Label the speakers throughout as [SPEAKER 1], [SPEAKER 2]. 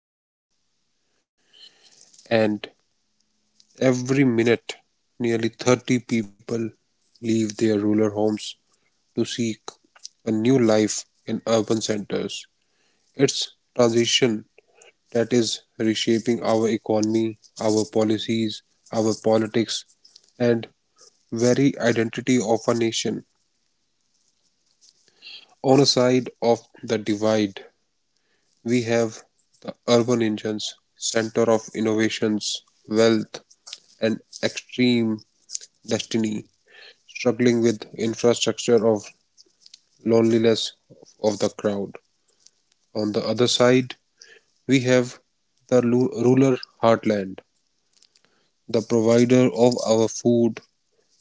[SPEAKER 1] history, and every minute, nearly 30 people leave their rural homes to seek a new life in urban centers. It's transition that is reshaping our economy, our policies, our politics, and very identity of a nation. On a side of the divide, we have the urban engines, center of innovations, wealth, and extreme destiny, struggling with infrastructure of loneliness of the crowd. On the other side, we have the rural heartland, the provider of our food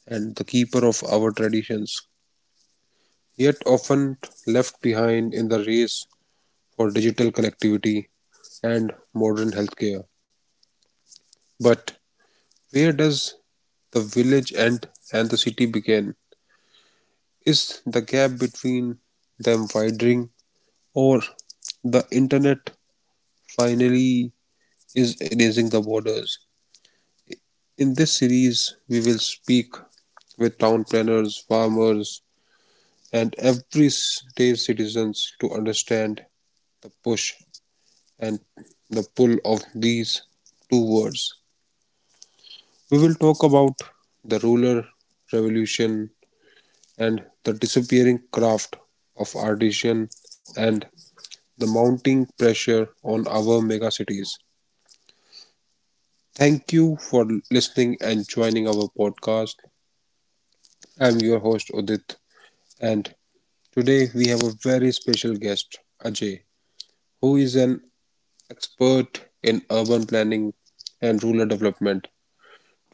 [SPEAKER 1] and the keeper of our traditions, yet often left behind in the race for digital connectivity and modern healthcare. But where does the village end and the city begin? Is the gap between them widening, or the internet finally is erasing the borders? In this series, we will speak with town planners, farmers, and everyday citizens to understand the push and the pull of these two words. We will talk about the rural revolution, and the disappearing craft of artisan and the mounting pressure on our megacities. Thank you for listening and joining our podcast. I'm your host Udit, and today we have a very special guest Ajay, who is an expert in urban planning and rural development.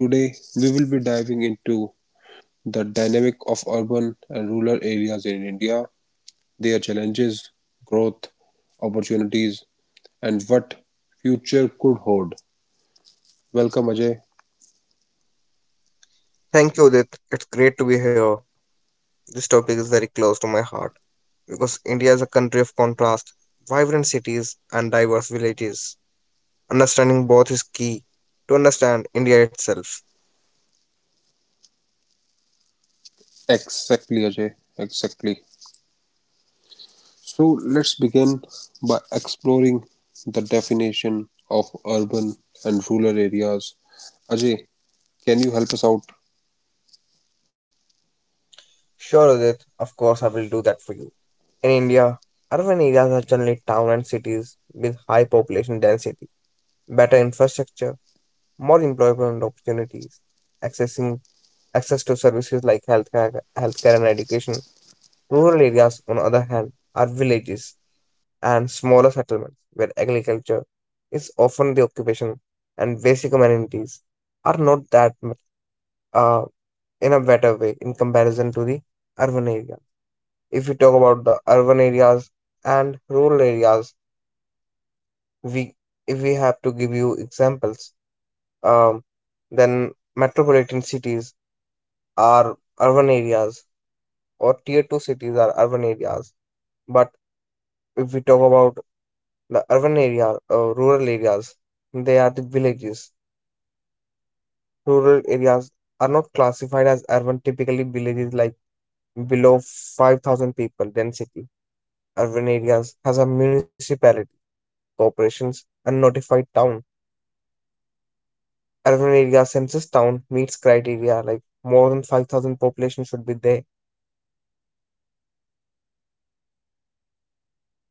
[SPEAKER 1] Today we will be diving into the dynamic of urban and rural areas in India, their challenges, growth, opportunities, and what future could hold. Welcome, Ajay.
[SPEAKER 2] Thank you, Udit. It's great to be here. This topic is very close to my heart because India is a country of contrast, vibrant cities, and diverse villages. Understanding both is key to understand India itself.
[SPEAKER 1] Exactly, Ajay. Exactly. So let's begin by exploring the definition of urban and rural areas. Ajay, can you help us out?
[SPEAKER 2] Sure, Udit, of course, I will do that for you. In India, urban areas are generally towns and cities with high population density, better infrastructure, more employment opportunities, accessing access to services like healthcare and education. Rural areas, on the other hand, are villages and smaller settlements where agriculture is often the occupation and basic amenities are not that much uh, in a better way in comparison to the urban area. If we talk about the urban areas and rural areas, we if we have to give you examples, um, then metropolitan cities are urban areas or tier two cities are urban areas. But if we talk about the urban area or rural areas, they are the villages. Rural areas are not classified as urban, typically villages like below 5,000 people density. Urban areas has a municipality, corporations, and notified town. Urban area census town meets criteria like more than 5,000 population should be there.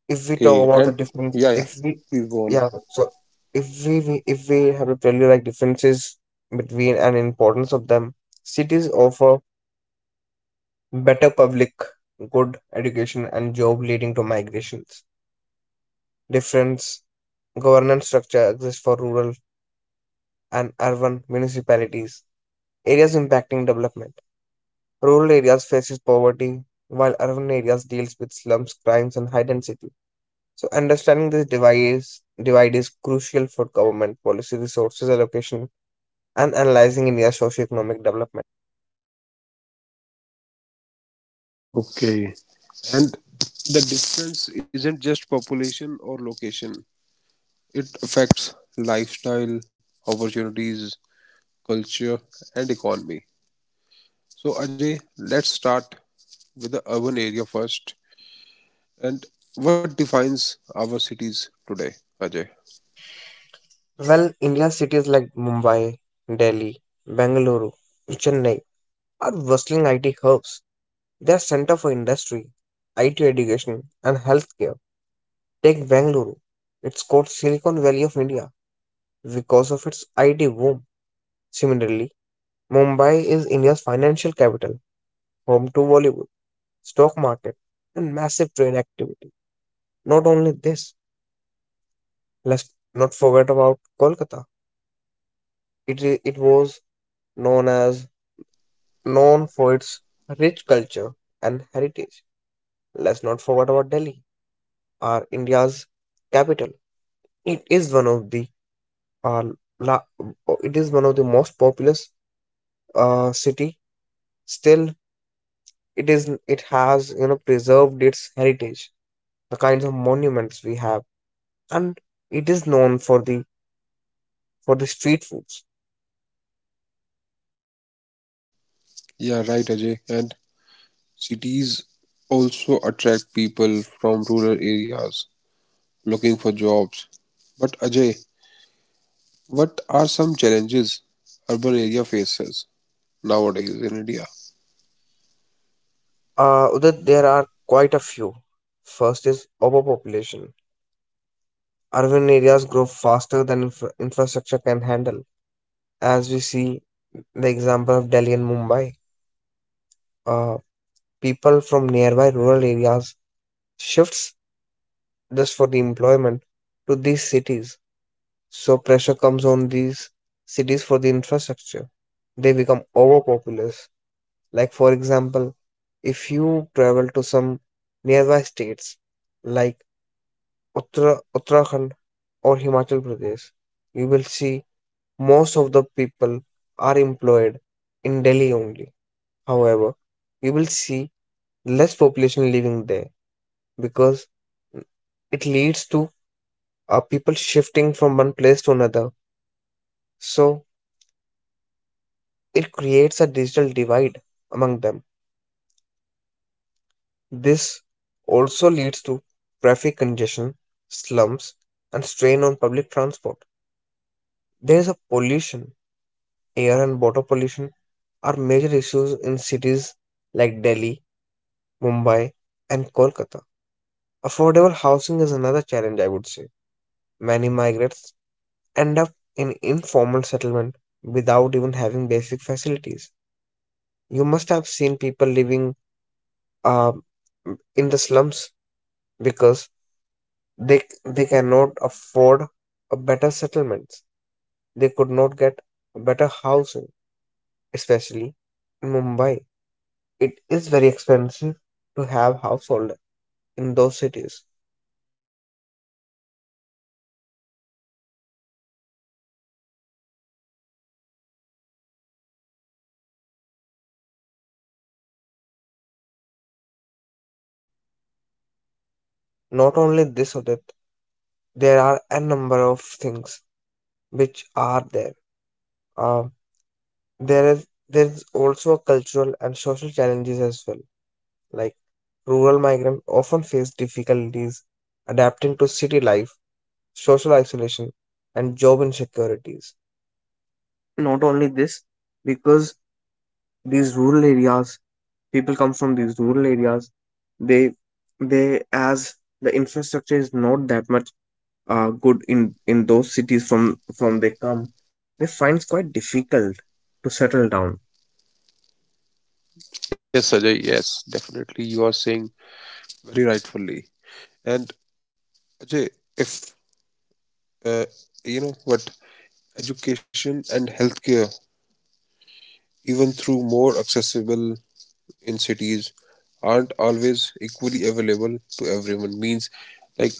[SPEAKER 2] If we talk
[SPEAKER 1] Okay,
[SPEAKER 2] about the
[SPEAKER 1] and
[SPEAKER 2] difference,
[SPEAKER 1] yeah, yeah,
[SPEAKER 2] if we,
[SPEAKER 1] please go on.
[SPEAKER 2] yeah, so if we have to tell you like differences between and importance of them, cities offer better public good education and job leading to migrations different governance structure exists for rural and urban municipalities. Areas impacting development. Rural areas faces poverty, while urban areas deals with slums, crimes, and high density. So understanding this divide is crucial for government policy, resources allocation, and analyzing India's socio-economic development.
[SPEAKER 1] Okay, and the difference isn't just population or location, it affects lifestyle, opportunities, culture, and economy. So, Ajay, let's start with the urban area first and what defines our cities today, Ajay?
[SPEAKER 2] Well, India's cities like Mumbai, Delhi, Bengaluru, Chennai are bustling IT hubs. They are center for industry, IT education, and healthcare. Take Bangalore. It's called Silicon Valley of India because of its IT boom. Similarly, Mumbai is India's financial capital, home to Bollywood, stock market, and massive trade activity. Not only this, let's not forget about Kolkata. It was known as known for its rich culture and heritage. Let's not forget about Delhi, our India's capital. It is one of the uh, la, it is one of the most populous city, still it has, you know, preserved its heritage, the kinds of monuments we have, and it is known for the street foods.
[SPEAKER 1] Yeah, right, Ajay. And cities also attract people from rural areas looking for jobs. But Ajay, what are some challenges urban area faces nowadays in India?
[SPEAKER 2] Udit, there are quite a few. First is overpopulation. Urban areas grow faster than infrastructure can handle, as we see the example of Delhi and Mumbai. Uh, people from nearby rural areas shifts just for the employment to these cities. So pressure comes on these cities for the infrastructure. They become overpopulous. Like for example, if you travel to some nearby states like Uttarakhand or Himachal Pradesh, you will see most of the people are employed in Delhi only. However, you will see less population living there because it leads to people shifting from one place to another. So it creates a digital divide among them. This also leads to traffic congestion, slums, and strain on public transport. There is a pollution, air and water pollution are major issues in cities like Delhi, Mumbai, and Kolkata. Affordable housing is another challenge, I would say. Many migrants end up in informal settlement without even having basic facilities. You must have seen people living uh,
[SPEAKER 1] That is so true,
[SPEAKER 2] in the
[SPEAKER 1] Ajay.
[SPEAKER 2] slums because
[SPEAKER 1] And
[SPEAKER 2] they cannot
[SPEAKER 1] yeah.
[SPEAKER 2] afford a better settlements, they could not get a better housing, especially in Mumbai. It is very expensive to have household in those cities.
[SPEAKER 1] Yes, Ajay, that is so true. And we have seen movies that are being built or created worldwide that are showcasing the slums of our country
[SPEAKER 2] Not
[SPEAKER 1] and how
[SPEAKER 2] only this or
[SPEAKER 1] people
[SPEAKER 2] that,
[SPEAKER 1] are living there.
[SPEAKER 2] there are
[SPEAKER 1] Yeah.
[SPEAKER 2] a number of things which are there. uh,
[SPEAKER 1] Okay.
[SPEAKER 2] there is also a cultural and social challenges as well, like rural
[SPEAKER 1] Okay.
[SPEAKER 2] migrants often face difficulties adapting to city life, social isolation, and job insecurities. Not only this, because these rural areas people come from these rural areas, they they, as the infrastructure is not that much good in those cities from they come, they find it's quite difficult to settle down.
[SPEAKER 1] Yes, Ajay. Yes, definitely. You are saying very rightfully. And Ajay, if uh, you know what, education and healthcare even through more accessible in cities aren't always equally available to everyone, means like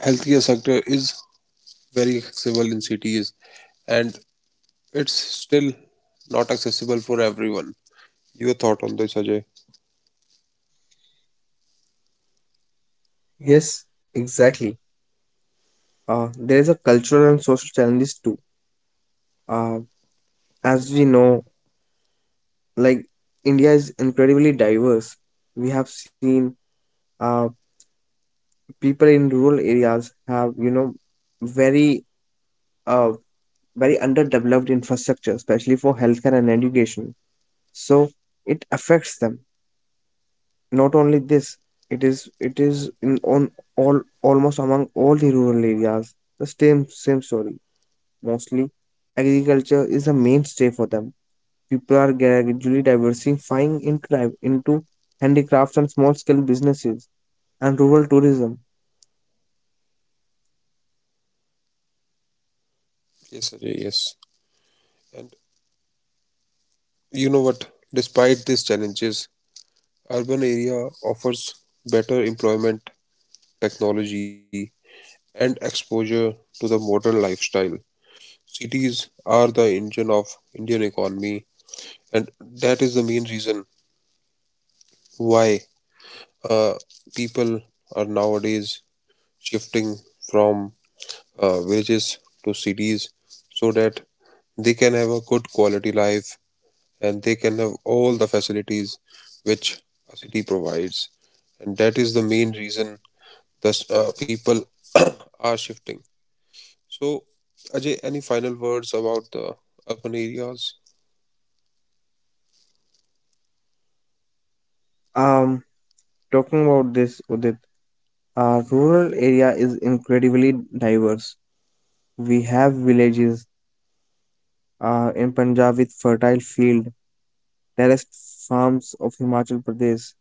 [SPEAKER 1] healthcare sector is very accessible in cities and it's still not accessible for everyone. Your thought on this, Ajay?
[SPEAKER 2] Yes, exactly. There is a cultural and social challenges too. Uh, as we know, like India is incredibly diverse. We have seen uh, people in rural areas have, you know, very a very underdeveloped infrastructure, especially for healthcare and education. So it affects them. Not only this, it is in on all almost among all the rural areas the same story. Mostly, agriculture is a mainstay for them. People are gradually diversifying into handicrafts and small scale businesses and rural tourism.
[SPEAKER 1] Yes, Ajay, yes. And you know what, despite these challenges, urban area offers better employment, technology, and exposure to the modern lifestyle. Cities are the engine of Indian economy, and that is the main reason why uh, people are nowadays shifting from villages to cities so that they can have a good quality life and they can have all the facilities which a city provides. And that is the main reason thus people are shifting. So, Ajay, any final words about the urban areas?
[SPEAKER 2] Um, talking about this, Udit, rural area is incredibly diverse. We have villages in Punjab with fertile field, terraced farms of Himachal Pradesh,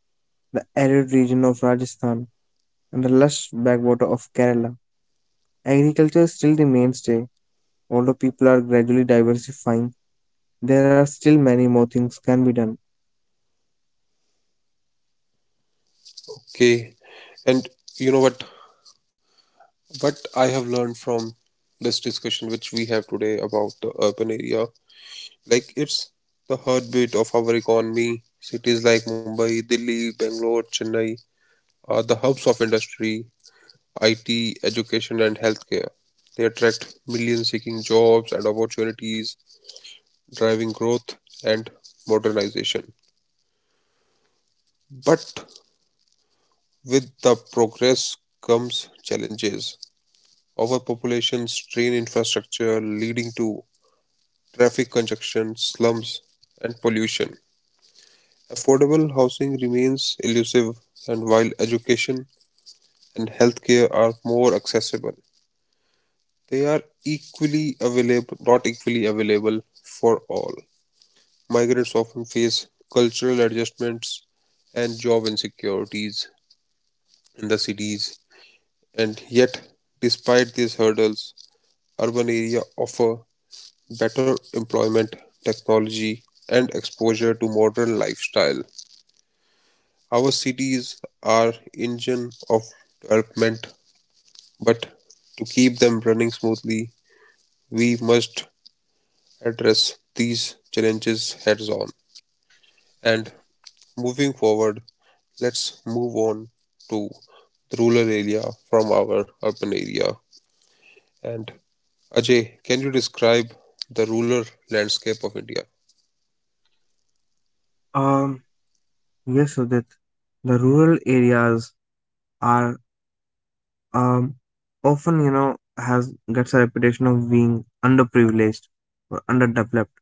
[SPEAKER 2] the arid region of Rajasthan, and the lush backwater of Kerala. Agriculture is still the mainstay. Although people are gradually diversifying, there are still many more things can be done.
[SPEAKER 1] Okay. And you know what? What I have learned from this discussion which we have today about the urban area, like, it's the heartbeat of our economy. Cities like Mumbai, Delhi, Bangalore, Chennai are the hubs of industry, IT, education, and healthcare. They attract millions seeking jobs and opportunities, driving growth and modernization. But with the progress comes challenges. Overpopulation, strained infrastructure, leading to traffic congestion, slums, and pollution. Affordable housing remains elusive, and while education and healthcare are more accessible, they are equally available, not equally available for all. Migrants often face cultural adjustments and job insecurities in the cities, and yet, despite these hurdles, urban areas offer better employment, technology, and exposure to modern lifestyle. Our cities are engine of development, but to keep them running smoothly, we must address these challenges heads on. And moving forward, let's move on to the rural area from our urban area. And Ajay, can you describe the rural landscape of India?
[SPEAKER 2] Um, yes, Udit. The rural areas are um, often, you know, has gets a reputation of being underprivileged or underdeveloped.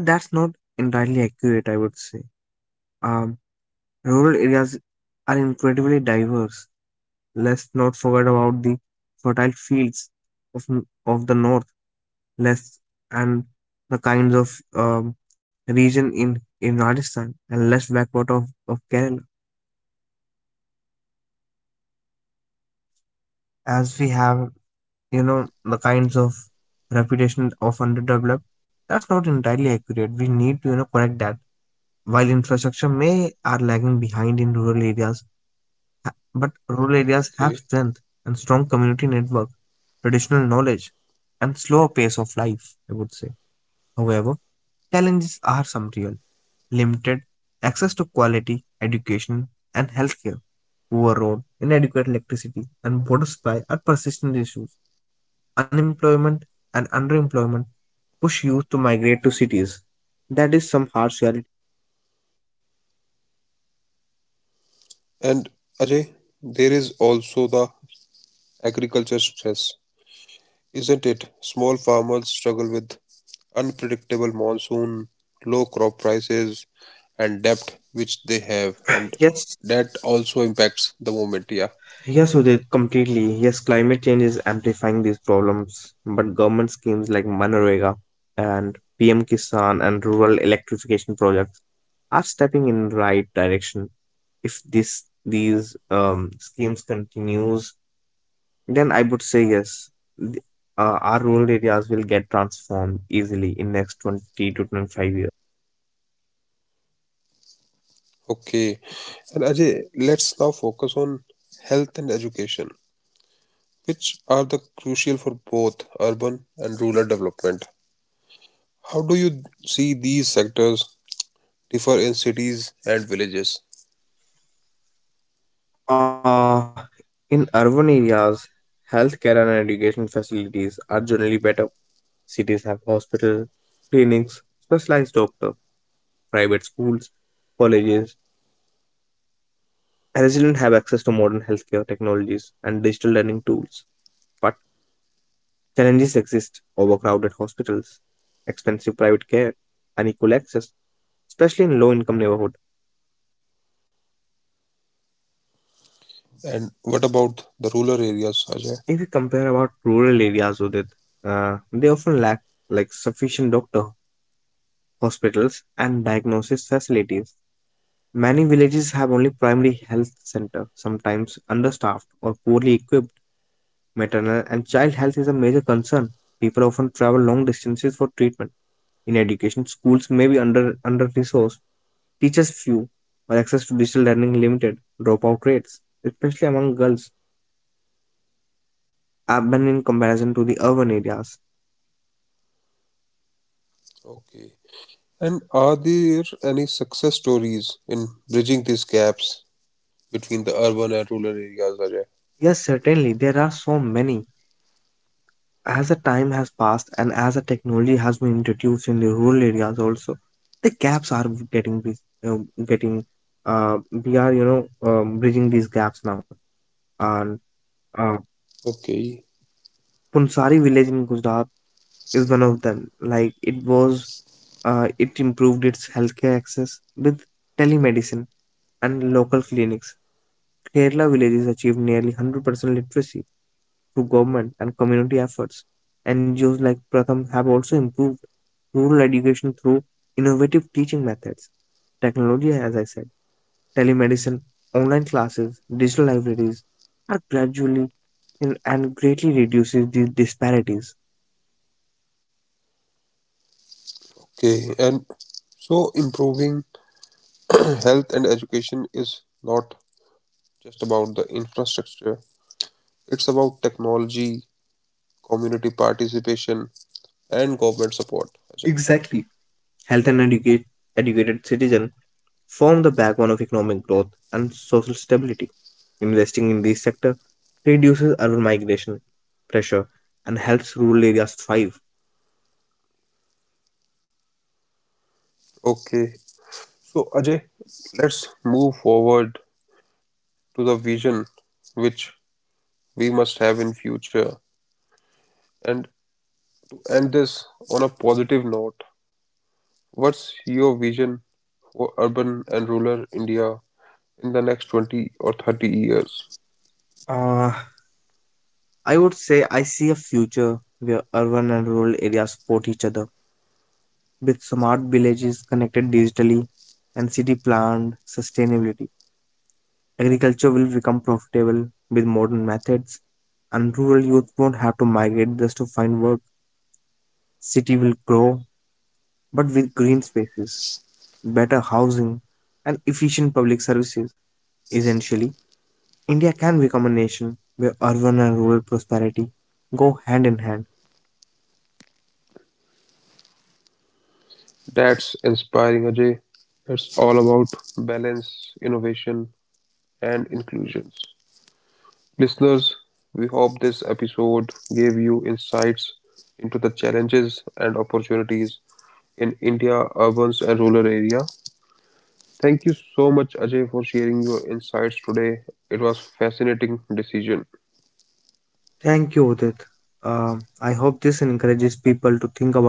[SPEAKER 2] But that's not entirely accurate, I would say. Um, rural areas are incredibly diverse. Let's not forget about the fertile fields of, of the north, less and the kinds of region in Rajasthan and less backward of Kerala. As we have, you know, the kinds of reputation of underdeveloped, that's not entirely accurate. We need to, you know, correct that. While infrastructure may are lagging behind in rural areas, but rural areas have
[SPEAKER 1] Okay.
[SPEAKER 2] strength and strong community network, traditional knowledge, and slower pace of life, I would say. However, challenges are some real. Limited access to quality education and healthcare, poor road, inadequate electricity, and water supply are persistent issues. Unemployment and underemployment push youth to migrate to cities. That is some harsh reality.
[SPEAKER 1] And Ajay, there is also the agriculture stress, isn't it? Small farmers struggle with unpredictable monsoon, low crop prices, and debt which they have, and
[SPEAKER 2] Yes,
[SPEAKER 1] that also impacts the moment. Yeah.
[SPEAKER 2] Yes, so completely. Yes, climate change is amplifying these problems, but government schemes like Manrega and PM Kisan and rural electrification projects are stepping in right direction. If this these schemes continues, then I would say yes, th- our rural areas will get transformed easily in next 20 to 25 years.
[SPEAKER 1] Okay. And Ajay, let's now focus on health and education, which are the crucial for both urban and rural development. How do you see these sectors differ in cities and villages?
[SPEAKER 2] Uh, in urban areas, healthcare and education facilities are generally better. Cities have hospitals, clinics, specialized doctors, private schools, colleges. Residents have access to modern healthcare technologies and digital learning tools. But challenges exist overcrowded hospitals, expensive private care, unequal access, especially in low income neighborhoods.
[SPEAKER 1] And what about the rural areas,
[SPEAKER 2] If we
[SPEAKER 1] Ajay?
[SPEAKER 2] compare about rural areas with it, they often lack like sufficient doctor, hospitals, and diagnosis facilities. Many villages have only primary health center, sometimes understaffed or poorly equipped. Maternal and child health is a major concern. People often travel long distances for treatment. In education, schools may be under resourced, teachers few, or access to digital learning limited. Dropout rates, especially among girls, have been in comparison to the urban areas.
[SPEAKER 1] Okay. And are there any success stories in bridging these gaps between the urban and rural areas, Ajay?
[SPEAKER 2] Yes, certainly there are so many as the time has passed and as the technology has been introduced in the rural areas also the gaps are getting bridge- getting we are, you know, bridging these gaps now and uh,
[SPEAKER 1] Okay.
[SPEAKER 2] Punsari village in Gujarat is one of them. Like it was, it improved its healthcare access with telemedicine and local clinics. Kerala villages achieved nearly 100% literacy through government and community efforts. NGOs like Pratham have also improved rural education through innovative teaching methods, technology, as I said, telemedicine, online classes, digital libraries are gradually in- and greatly reduces these disparities.
[SPEAKER 1] Okay. And so improving health and education is not just about the infrastructure, it's about technology, community participation, and government support, Ajay.
[SPEAKER 2] Exactly. Health and educate, educated citizen form the backbone of economic growth and social stability. Investing in this sector reduces urban migration pressure and helps rural areas thrive.
[SPEAKER 1] Okay. So, Ajay, let's move forward to the vision which we must have in future, and to end this on a positive note, what's your vision for urban and rural India in the next 20 or 30 years?
[SPEAKER 2] Uh, I would say I see a future where urban and rural areas support each other with smart villages connected digitally and city planned sustainability. Agriculture will become profitable with modern methods and rural youth won't have to migrate just to find work. City will grow but with green spaces, better housing, and efficient public services. Essentially, India can become a nation where urban and rural prosperity go hand in hand.
[SPEAKER 1] That's inspiring, Ajay. It's all about balance, innovation, and inclusions. Listeners, we hope this episode gave you insights into the challenges and opportunities in India urban and rural area. Thank you so much, Ajay, for sharing your insights today. It was fascinating decision.
[SPEAKER 2] Thank you, Udit. I hope this encourages people to think about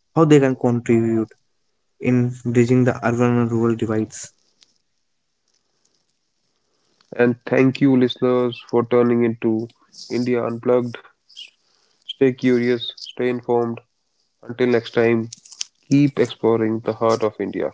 [SPEAKER 2] how they can contribute in bridging the urban and rural divides.
[SPEAKER 1] And thank you, listeners, for turning into India Unplugged. Stay curious, stay informed. Until next time, keep exploring the heart of India.